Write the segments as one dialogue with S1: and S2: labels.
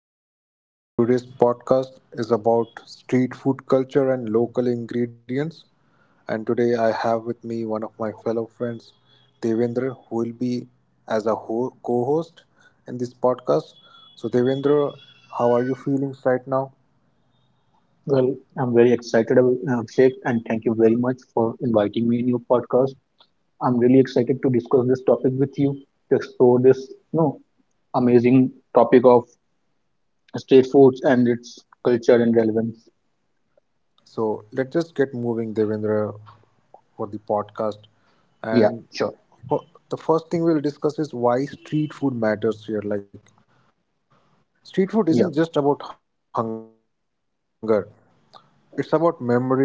S1: listeners. So, today's podcast is about street food culture and local ingredients. And today, I have with me one of my fellow friends, Devendra, who will be as a co host in this podcast. So, Devendra, how are you feeling right now?
S2: Well, I'm very excited, Sheikh, and thank you very much for inviting me in your podcast. I'm really excited to discuss this topic with you, to explore this, you know, amazing topic of state foods and its culture and relevance.
S1: So, let's just get moving, Devendra, for the podcast.
S2: Yeah,
S1: And
S2: sure.
S1: the first thing we'll discuss is why street food matters here. Like, street food isn't just about
S2: Yeah.
S1: hunger. It's about memory, habit, and daily life.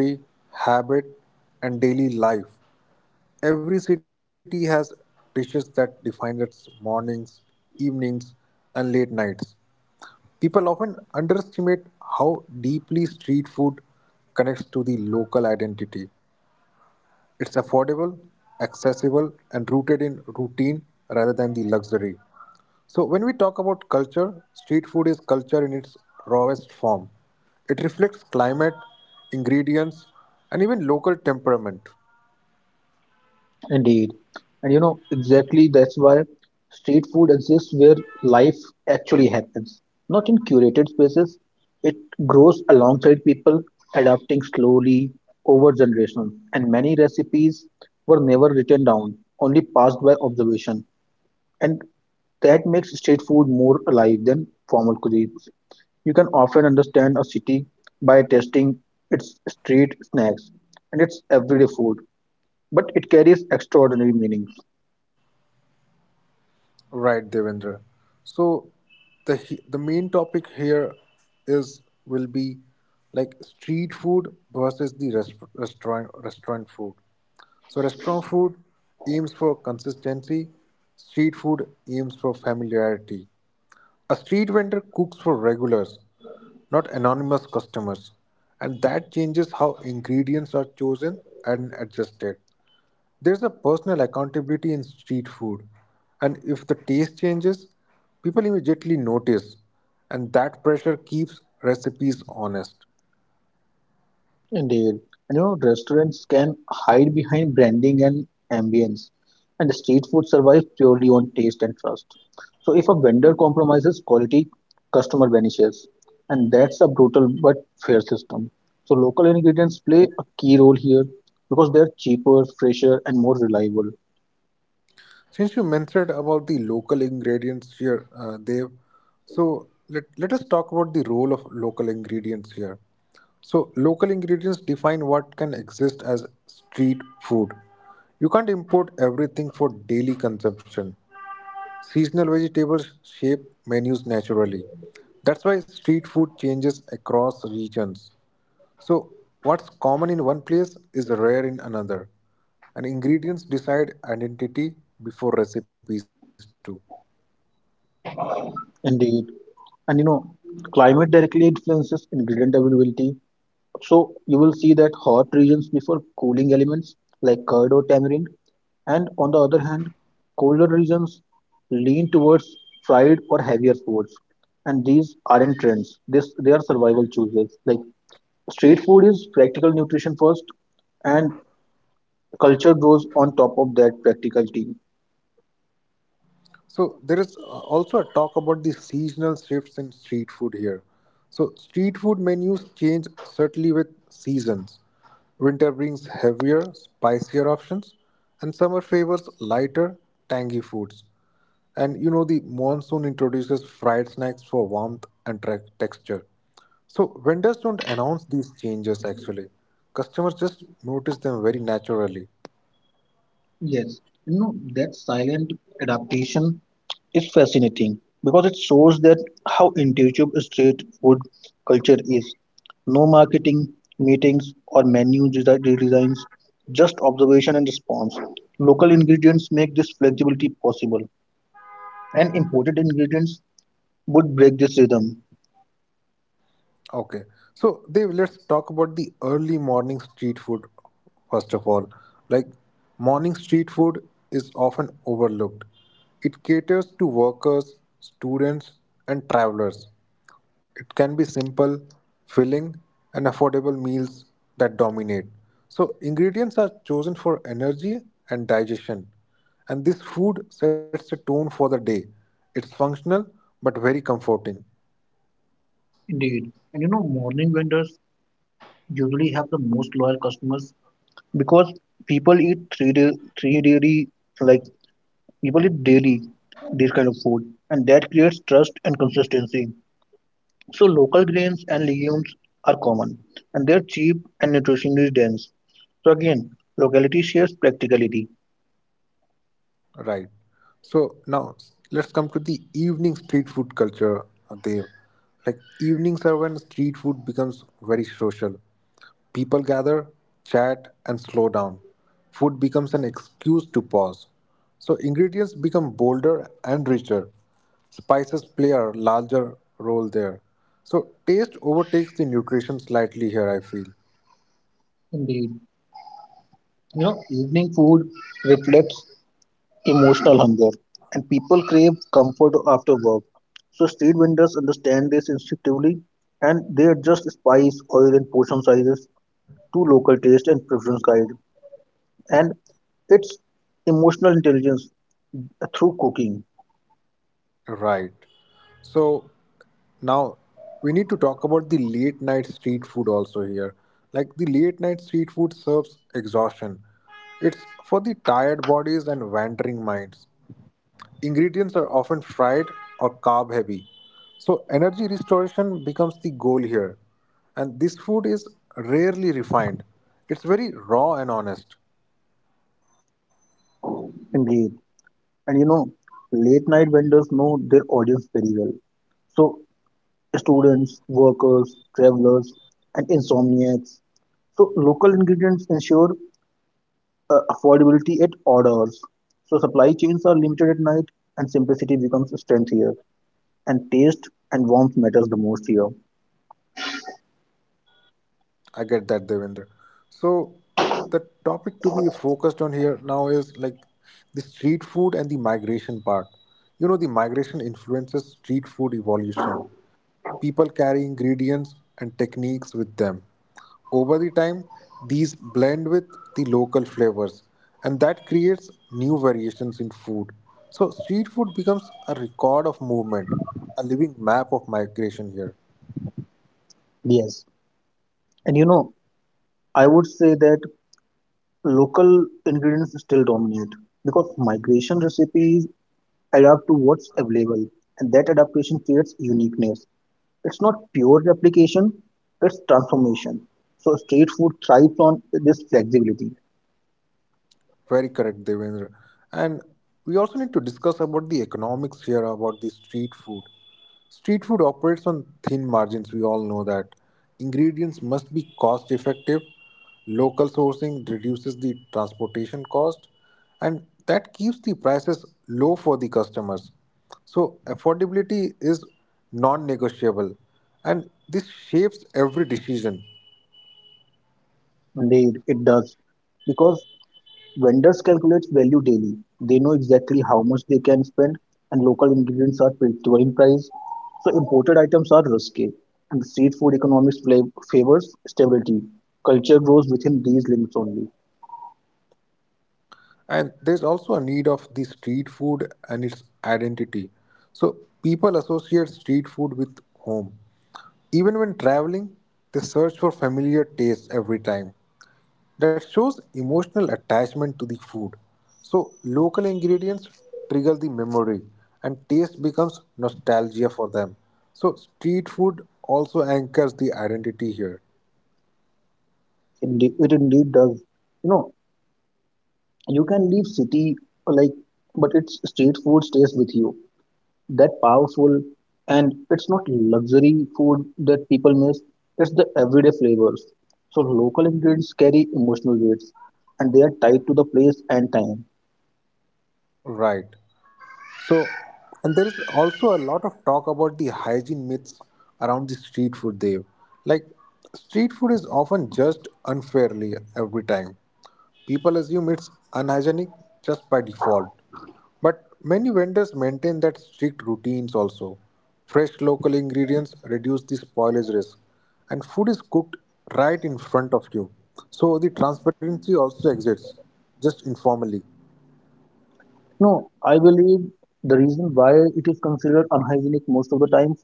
S1: Every city has dishes that define its mornings, evenings, and late nights. People often underestimate how deeply street food connects to the local identity. It's affordable, accessible, and rooted in routine rather than the luxury. So, when we talk about culture, street food is culture in its rawest form. It reflects climate, ingredients, and even local temperament.
S2: Indeed. Exactly that's why street food exists where life actually happens, not in curated spaces. It grows alongside people, adapting slowly over generations. And many recipes were never written down, only passed by observation. And that makes street food more alive than formal cuisines. You can often understand a city by tasting its street snacks and its everyday food, but it carries extraordinary meanings.
S1: Right, Devendra. So the main topic here is will be like street food versus the rest, restaurant food. So restaurant food aims for consistency, street food aims for familiarity. A street vendor cooks for regulars, not anonymous customers, and that changes how ingredients are chosen and adjusted. There's a personal accountability in street food, and if the taste changes, people immediately notice, and that pressure keeps recipes honest.
S2: Indeed. Restaurants can hide behind branding and ambience, and street food survives purely on taste and trust. So, if a vendor compromises quality, customer vanishes, and that's a brutal but fair system. So, local ingredients play a key role here because they're cheaper, fresher, and more reliable.
S1: Since you mentioned about the local ingredients here, Dev, so let us talk about the role of local ingredients here. So, local ingredients define what can exist as street food. You can't import everything for daily consumption. Seasonal vegetables shape menus naturally. That's why street food changes across regions. So, what's common in one place is rare in another. And ingredients decide identity before recipes do.
S2: Indeed. And you know, climate directly influences ingredient availability. So, you will see that hot regions prefer cooling elements like curd or tamarind, and on the other hand, colder regions lean towards fried or heavier foods. And these aren't trends. This They are survival choices. Like street food is practical nutrition first, and culture grows on top of that practicality.
S1: So there is also a talk about the seasonal shifts in street food here. So street food menus change certainly with seasons. Winter brings heavier, spicier options, and summer favors lighter, tangy foods. And you know the monsoon introduces fried snacks for warmth and texture. So vendors don't announce these changes actually. Customers just notice them very naturally.
S2: Yes, you know that silent adaptation is fascinating because it shows that how intuitive street food culture is. No marketing, meetings, or redesigns, just observation and response. Local ingredients make this flexibility possible, and imported ingredients would break this rhythm.
S1: Okay, so Dev, let's talk about the early morning street food first of all. Like, morning street food is often overlooked. It caters to workers, students, and travelers. It can be simple, filling, and affordable meals that dominate. So, ingredients are chosen for energy and digestion, and this food sets the tone for the day. It's functional but very comforting.
S2: Indeed. And you know, morning vendors usually have the most loyal customers, because people eat three day, three daily like people eat daily this kind of food, and that creates trust and consistency. So local grains and legumes are common, and they're cheap and nutritionally dense. So again, locality shares practicality.
S1: Right. So now let's come to the evening street food culture, Dev. Like evenings are when street food becomes very social. People gather, chat, and slow down. Food becomes an excuse to pause. So ingredients become bolder and richer. Spices play a larger role there. So taste overtakes the nutrition slightly here, I feel.
S2: Indeed. You know, evening food reflects emotional hunger and people crave comfort after work. So street vendors understand this instinctively, and they adjust spice, oil and portion sizes to local taste and preference guide. And it's emotional intelligence through cooking.
S1: Right. So now, we need to talk about the late night street food also here. Like the late night street food serves exhaustion. It's for the tired bodies and wandering minds. Ingredients are often fried or carb heavy. So, energy restoration becomes the goal here. And this food is rarely refined, it's very raw and honest.
S2: Indeed. And you know, late night vendors know their audience very well. So students, workers, travelers, and insomniacs. So local ingredients ensure affordability at odd hours. So supply chains are limited at night, and simplicity becomes a strength here. And taste and warmth matters the most here.
S1: I get that, Devendra. So the topic to be focused on here now is like the street food and the migration part. You know, the migration influences street food evolution. People carry ingredients and techniques with them. Over the time, these blend with the local flavors, and that creates new variations in food. So, street food becomes a record of movement, a living map of migration here.
S2: Yes, and you know, I would say that local ingredients still dominate because migration recipes adapt to what's available, and that adaptation creates uniqueness. It's not pure replication, it's transformation. So street food thrives on this flexibility.
S1: Very correct, Devendra. And we also need to discuss about the economics here about the street food. Street food operates on thin margins, we all know that. Ingredients must be cost effective. Local sourcing reduces the transportation cost, and that keeps the prices low for the customers. So, affordability is non negotiable, and this shapes every decision.
S2: Indeed, it does. Because vendors calculate value daily. They know exactly how much they can spend, and local ingredients are predictable in price. So imported items are risky. And street food favors stability. Culture grows within these limits only.
S1: And there's also a need of the street food and its identity. So people associate street food with home. Even when traveling, they search for familiar tastes every time. That shows emotional attachment to the food. So local ingredients trigger the memory and taste becomes nostalgia for them. So street food also anchors the identity here.
S2: Indeed, it indeed does. You know, you can leave city, like, but its street food stays with you, that powerful. And it's not luxury food that people miss, it's the everyday flavors. So local ingredients carry emotional weights, and they are tied to the place and time.
S1: Right. So, and there is also a lot of talk about the hygiene myths around the street food, Dev. Like, street food is often judged unfairly every time. People assume it's unhygienic just by default. But many vendors maintain that strict routines also. Fresh local ingredients reduce the spoilage risk, and food is cooked right in front of you. So the transparency also exists, just informally.
S2: No, I believe the reason why it is considered unhygienic most of the times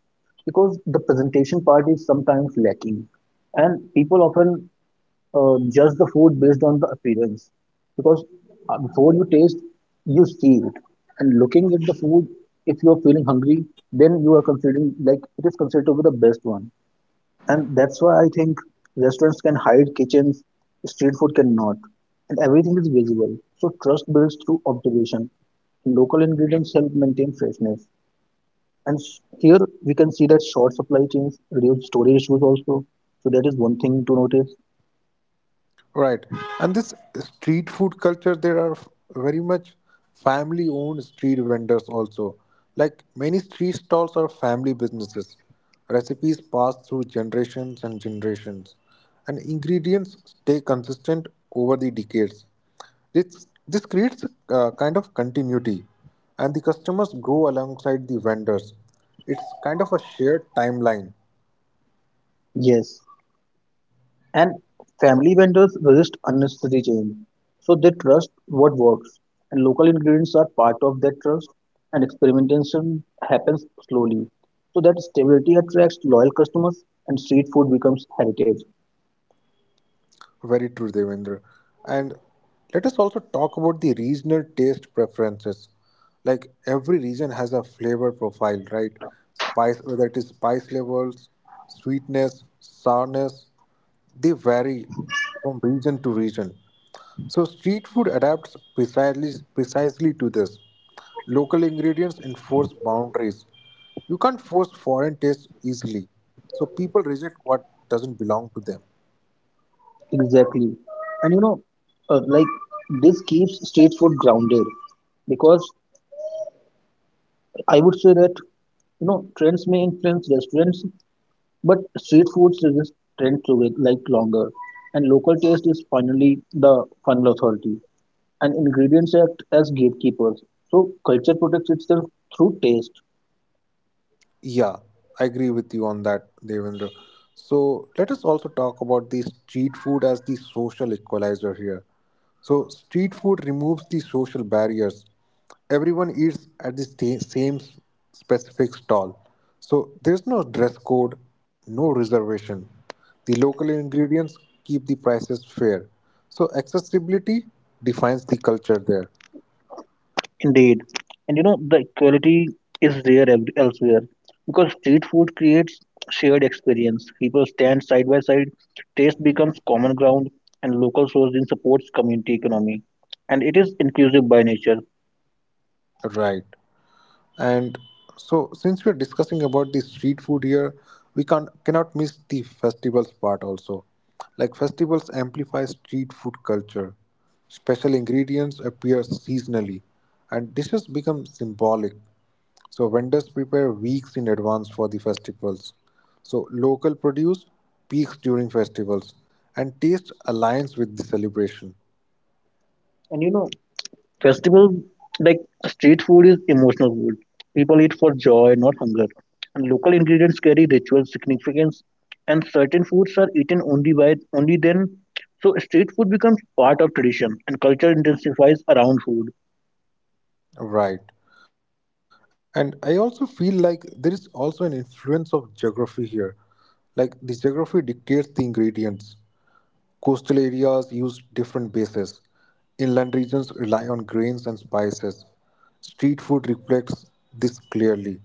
S2: because the presentation part is sometimes lacking, and people often judge the food based on the appearance, because before you taste, you see it. And looking at the food, if you are feeling hungry, then you are considering like it is considered to be the best one. And that's why I think restaurants can hide kitchens, street food cannot, and everything is visible. So trust builds through observation. Local ingredients help maintain freshness. Here we can see that short supply chains reduce storage issues also. So that is one thing to notice.
S1: Right. And this street food culture, there are very much family owned street vendors also. Like many street stalls are family businesses. Recipes pass through generations and generations, and ingredients stay consistent over the decades. This creates a kind of continuity, and the customers grow alongside the vendors. It's kind of a shared timeline.
S2: Yes. And family vendors resist unnecessary change, so they trust what works, and local ingredients are part of that trust, and experimentation happens slowly. So that stability attracts loyal customers, and street food becomes heritage.
S1: Very true, Devendra. And let us also talk about the regional taste preferences. Like every region has a flavor profile, right? Spice, whether it is spice levels, sweetness, sourness, they vary from region to region. So street food adapts precisely to this. Local ingredients enforce boundaries. You can't force foreign tastes easily. So people reject what doesn't belong to them.
S2: Exactly. And you know, like this keeps street food grounded because I would say that you know trends may influence restaurants, but street foods resist trends to wait like longer, and local taste is finally the final authority. And ingredients act as gatekeepers, so culture protects itself through taste.
S1: Yeah, I agree with you on that, Devendra. So let us also talk about the street food as the social equalizer here. So street food removes the social barriers. Everyone eats at the same specific stall. So there's no dress code, no reservation. The local ingredients keep the prices fair. So accessibility defines the culture there.
S2: Indeed, and you know the equality is elsewhere, because street food creates shared experience. People stand side by side, taste becomes common ground, and local sourcing supports community economy, and it is inclusive by nature.
S1: Right. And so, since we are discussing about the street food here, we can't cannot miss the festivals part also. Like festivals amplify street food culture. Special ingredients appear seasonally, and dishes become symbolic. So vendors prepare weeks in advance for the festivals. So local produce peaks during festivals, and taste aligns with the celebration.
S2: And you know festival, like street food, is emotional food. People eat for joy, not hunger. And local ingredients carry ritual significance, and certain foods are eaten only by only then. So street food becomes part of tradition, and culture intensifies around food.
S1: Right. And I also feel like there is also an influence of geography here. Like the geography dictates the ingredients. Coastal areas use different bases. Inland regions rely on grains and spices. Street food reflects this clearly.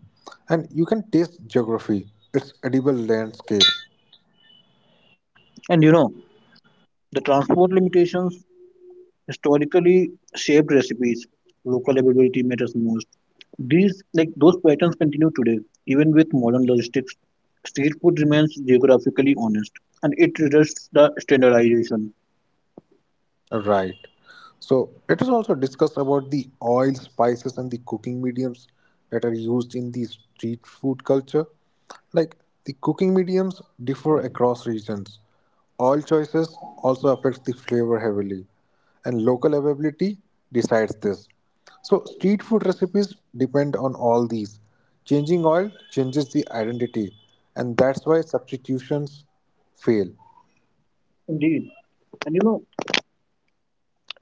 S1: And you can taste geography, its edible landscape.
S2: And you know, the transport limitations historically shaped recipes. Local availability matters most. These, like those patterns continue today, even with modern logistics. Street food remains geographically honest, and it resists the standardization.
S1: Right. So let us also discuss about the oil, spices, and the cooking mediums that are used in the street food culture. Like the cooking mediums differ across regions. Oil choices also affects the flavor heavily, and local availability decides this. So street food recipes depend on all these. Changing oil changes the identity, and that's why substitutions fail.
S2: Indeed, and you know,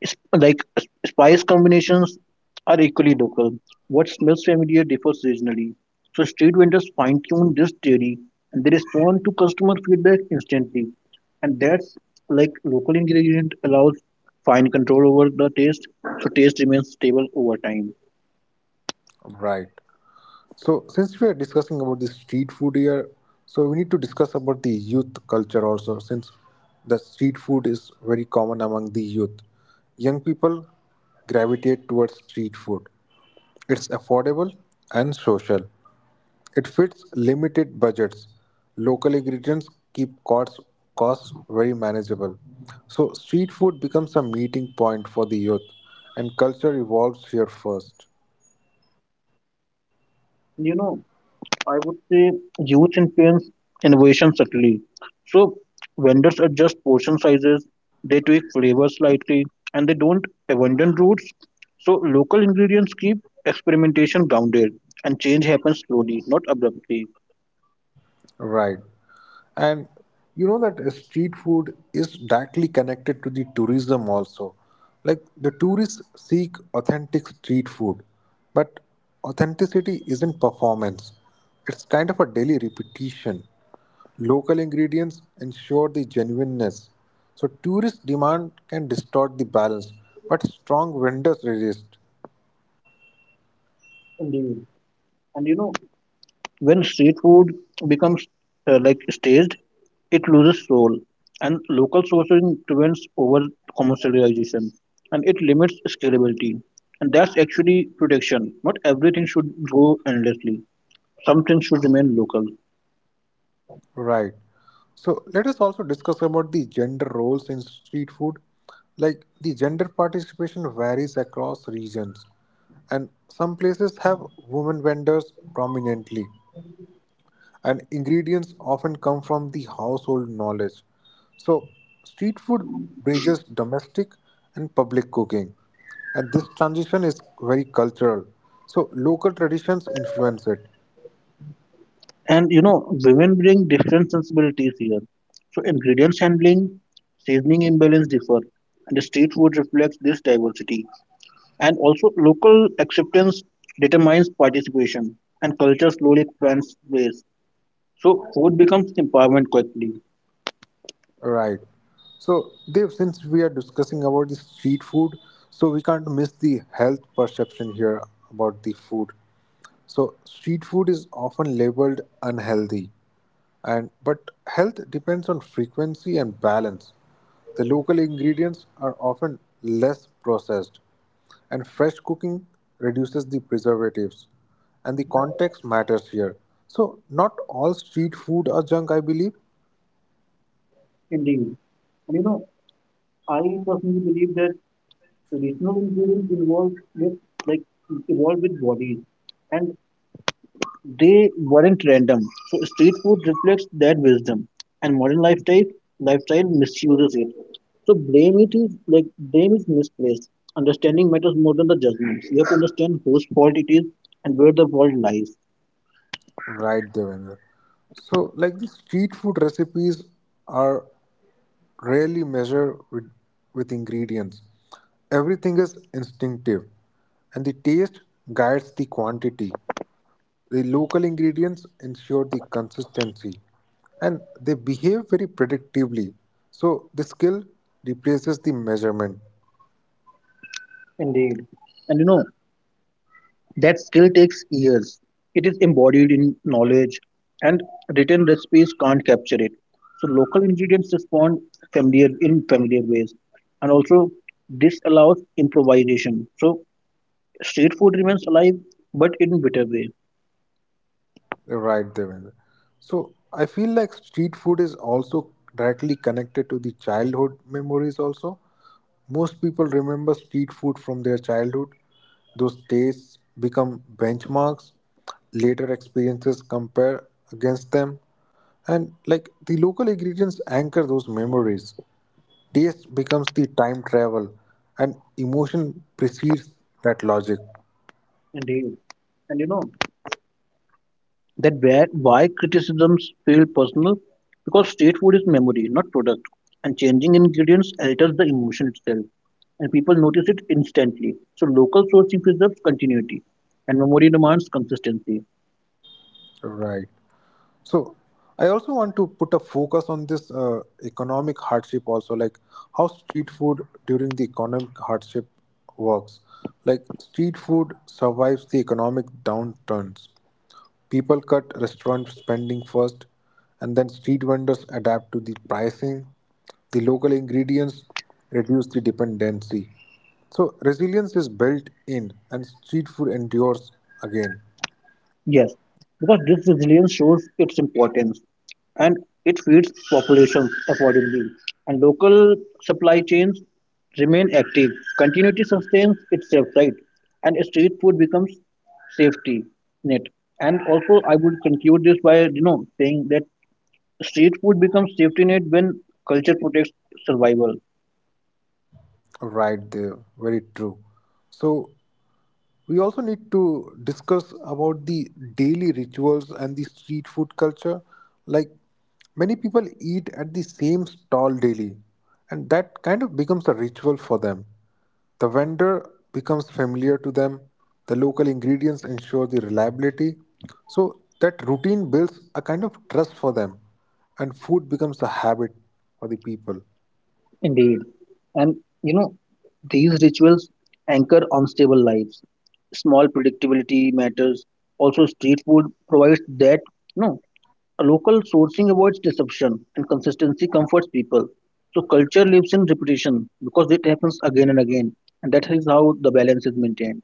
S2: spice combinations are equally local. What smells familiar differs seasonally. So street vendors fine-tune this theory, and they respond to customer feedback instantly. And that's like local ingredient allows fine control over the taste, so taste remains stable over time.
S1: Right. So since we are discussing about the street food here, so we need to discuss about the youth culture also, since the street food is very common among the youth. Young people gravitate towards street food. It's affordable and social. It fits limited budgets. Local ingredients keep costs very manageable. So street food becomes a meeting point for the youth and culture evolves here first.
S2: You know, I would say youth influence innovation subtly. So vendors adjust portion sizes, they tweak flavors slightly, and they don't abandon roots. So local ingredients keep experimentation grounded, and change happens slowly, not abruptly.
S1: Right. And you know that street food is directly connected to the tourism also. Like the tourists seek authentic street food, but authenticity isn't performance. It's kind of a daily repetition. Local ingredients ensure the genuineness. So tourist demand can distort the balance, but strong vendors resist.
S2: Indeed. And you know, when street food becomes like staged, it loses soul, and local sourcing prevents over commercialization, and it limits scalability. And that's actually protection. Not everything should go endlessly, some things should remain local.
S1: Right. So let us also discuss about the gender roles in street food. Like the gender participation varies across regions, and some places have women vendors prominently, and ingredients often come from the household knowledge. So street food bridges domestic and public cooking, and this transition is very cultural. So local traditions influence it.
S2: And you know, women bring different sensibilities here. So, ingredients handling, seasoning imbalance differ, and the street food reflects this diversity. And also, local acceptance determines participation, and culture slowly expands ways. So, food becomes empowerment quickly.
S1: Right. So, Dev, since we are discussing about the street food, so we can't miss the health perception here about the food. So, street food is often labeled unhealthy, and but health depends on frequency and balance. The local ingredients are often less processed, and fresh cooking reduces the preservatives. And the context matters here. So, not all street food are junk, I believe.
S2: Indeed. And you know, I personally believe that traditional ingredients involved with like evolved with bodies, and they weren't random. So street food reflects that wisdom, and modern lifestyle misuses it. So blame is misplaced. Understanding matters more than the judgments. You have to understand whose fault it is and where the fault lies.
S1: Right, Devendra. So, like the street food recipes are rarely measured with ingredients. Everything is instinctive, and the taste guides the quantity. The local ingredients ensure the consistency, and they behave very predictably. So, the skill replaces the measurement.
S2: Indeed. And you know, that skill takes years. It is embodied in knowledge, and written recipes can't capture it. So local ingredients respond familiar ways, and also this allows improvisation. So street food remains alive, but in bitter way.
S1: Right, Devendra. So I feel like street food is also directly connected to the childhood memories also. Most people remember street food from their childhood. Those tastes become benchmarks, later experiences compare against them, and like the local ingredients anchor those memories. Taste becomes the time travel and emotion precedes that logic.
S2: Indeed, and you know that where why criticisms feel personal, because street food is memory, not product, and changing ingredients alters the emotion itself, and people notice it instantly. So local sourcing preserves continuity, and memory demands consistency.
S1: Right. So I also want to put a focus on this economic hardship also, like how street food during the economic hardship works. Like street food survives the economic downturns. People cut restaurant spending first, and then street vendors adapt to the pricing. The local ingredients reduce the dependency. So resilience is built in, and street food endures again.
S2: Yes, because this resilience shows its importance, and it feeds populations accordingly. And local supply chains remain active. Continuity sustains itself, right? And street food becomes safety net. And also, I would conclude this by saying that street food becomes safety net when culture protects survival.
S1: Right there, very true. So we also need to discuss about the daily rituals and the street food culture. Like many people eat at the same stall daily, and that kind of becomes a ritual for them. The vendor becomes familiar to them, the local ingredients ensure the reliability. So that routine builds a kind of trust for them, and food becomes a habit for the people.
S2: Indeed, and you know these rituals anchor unstable lives. Small predictability matters. Also, street food provides that. No. A local sourcing avoids deception, and consistency comforts people. So culture lives in repetition because it happens again and again. And that is how the balance is maintained.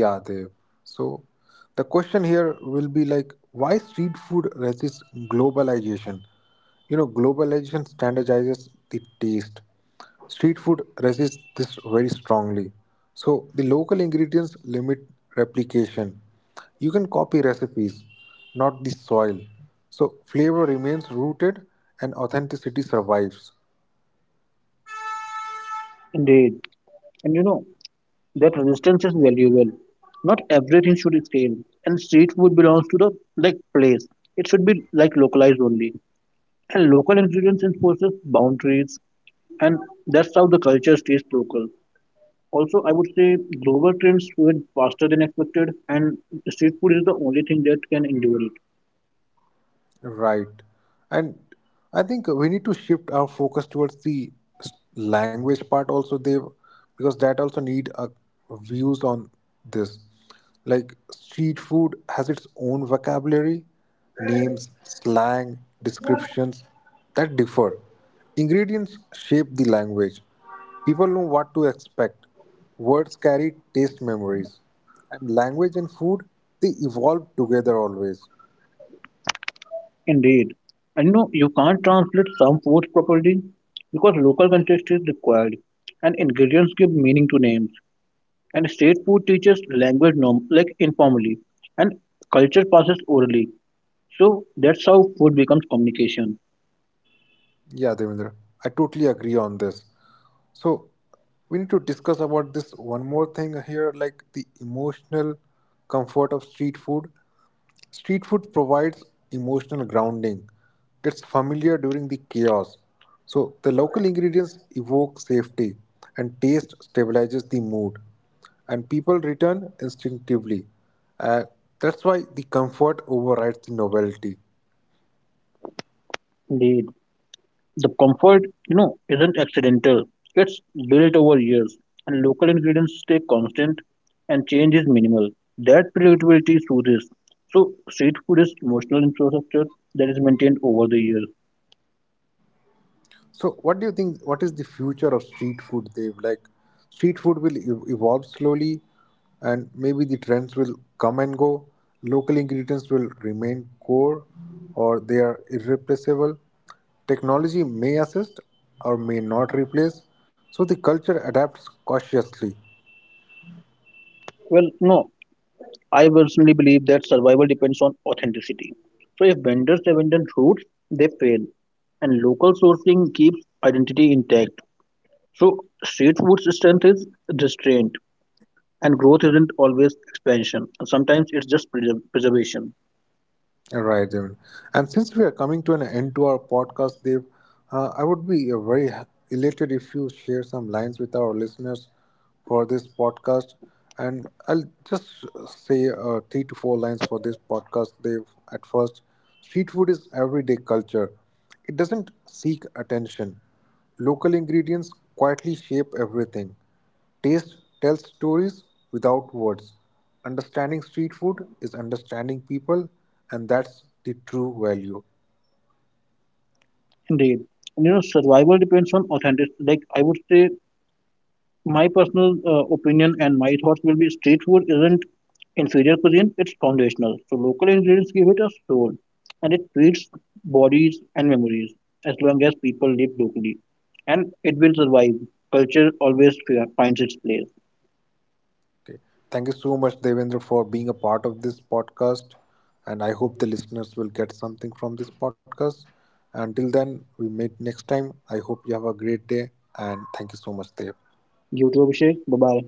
S1: Yeah, Dev. So the question here will be like, why street food resists globalization? You know, globalization standardizes the taste. Street food resists this very strongly. So the local ingredients limit replication. You can copy recipes, not the soil. So flavor remains rooted and authenticity survives.
S2: Indeed. And you know, that resistance is valuable. Not everything should scale. And street food belongs to the like place. It should be like localized only. And local ingredients enforces boundaries, and that's how the culture stays local. Also, I would say global trends went faster than expected, and street food is the only thing that can endure.
S1: Right. And I think we need to shift our focus towards the language part also they because that also need a views on this. Like street food has its own vocabulary, names, slang, descriptions that differ. Ingredients shape the language. People know what to expect. Words carry taste memories. And language and food, they evolve together always.
S2: Indeed. And you know, you can't translate some foods properly because local context is required, and ingredients give meaning to names. And state food teaches language norm like informally, and culture passes orally. So that's how food becomes communication.
S1: Yeah, Devendra, I totally agree on this. So we need to discuss about this one more thing here, like the emotional comfort of street food. Street food provides emotional grounding. It's familiar during the chaos. So the local ingredients evoke safety and taste stabilizes the mood. And people return instinctively. Uh, that's why the comfort overrides the novelty.
S2: Indeed. The comfort, you know, isn't accidental. It's built over years, and local ingredients stay constant, and change is minimal. That predictability soothes. So street food is emotional infrastructure that is maintained over the years.
S1: So, what do you think? What is the future of street food, Dev? Like, street food will evolve slowly, and maybe the trends will come and go. Local ingredients will remain core, or they are irreplaceable. Technology may assist or may not replace, so the culture adapts cautiously.
S2: Well, no, I personally believe that survival depends on authenticity. So if vendors abandon roots, they fail, and local sourcing keeps identity intact. So street food's strength is restraint, and growth isn't always expansion. Sometimes it's just preservation.
S1: All right then. And since we are coming to an end to our podcast, Dev, I would be very elated if you share some lines with our listeners for this podcast. And I'll just say three to four lines for this podcast, Dev. At first, street food is everyday culture. It doesn't seek attention. Local ingredients quietly shape everything. Taste tells stories without words. Understanding street food is understanding people, and that's the true value.
S2: Indeed, and, you know, survival depends on authenticity. Like I would say, my personal opinion and my thoughts will be street food isn't inferior cuisine, it's foundational. So local ingredients give it a soul, and it feeds bodies and memories as long as people live locally. And it will survive. Culture always finds its place.
S1: Okay. Thank you so much, Devendra, for being a part of this podcast. And I hope the listeners will get something from this podcast. Until then, we meet next time. I hope you have a great day, and thank you so much, Dev.
S2: You too, Abhishek. Bye bye.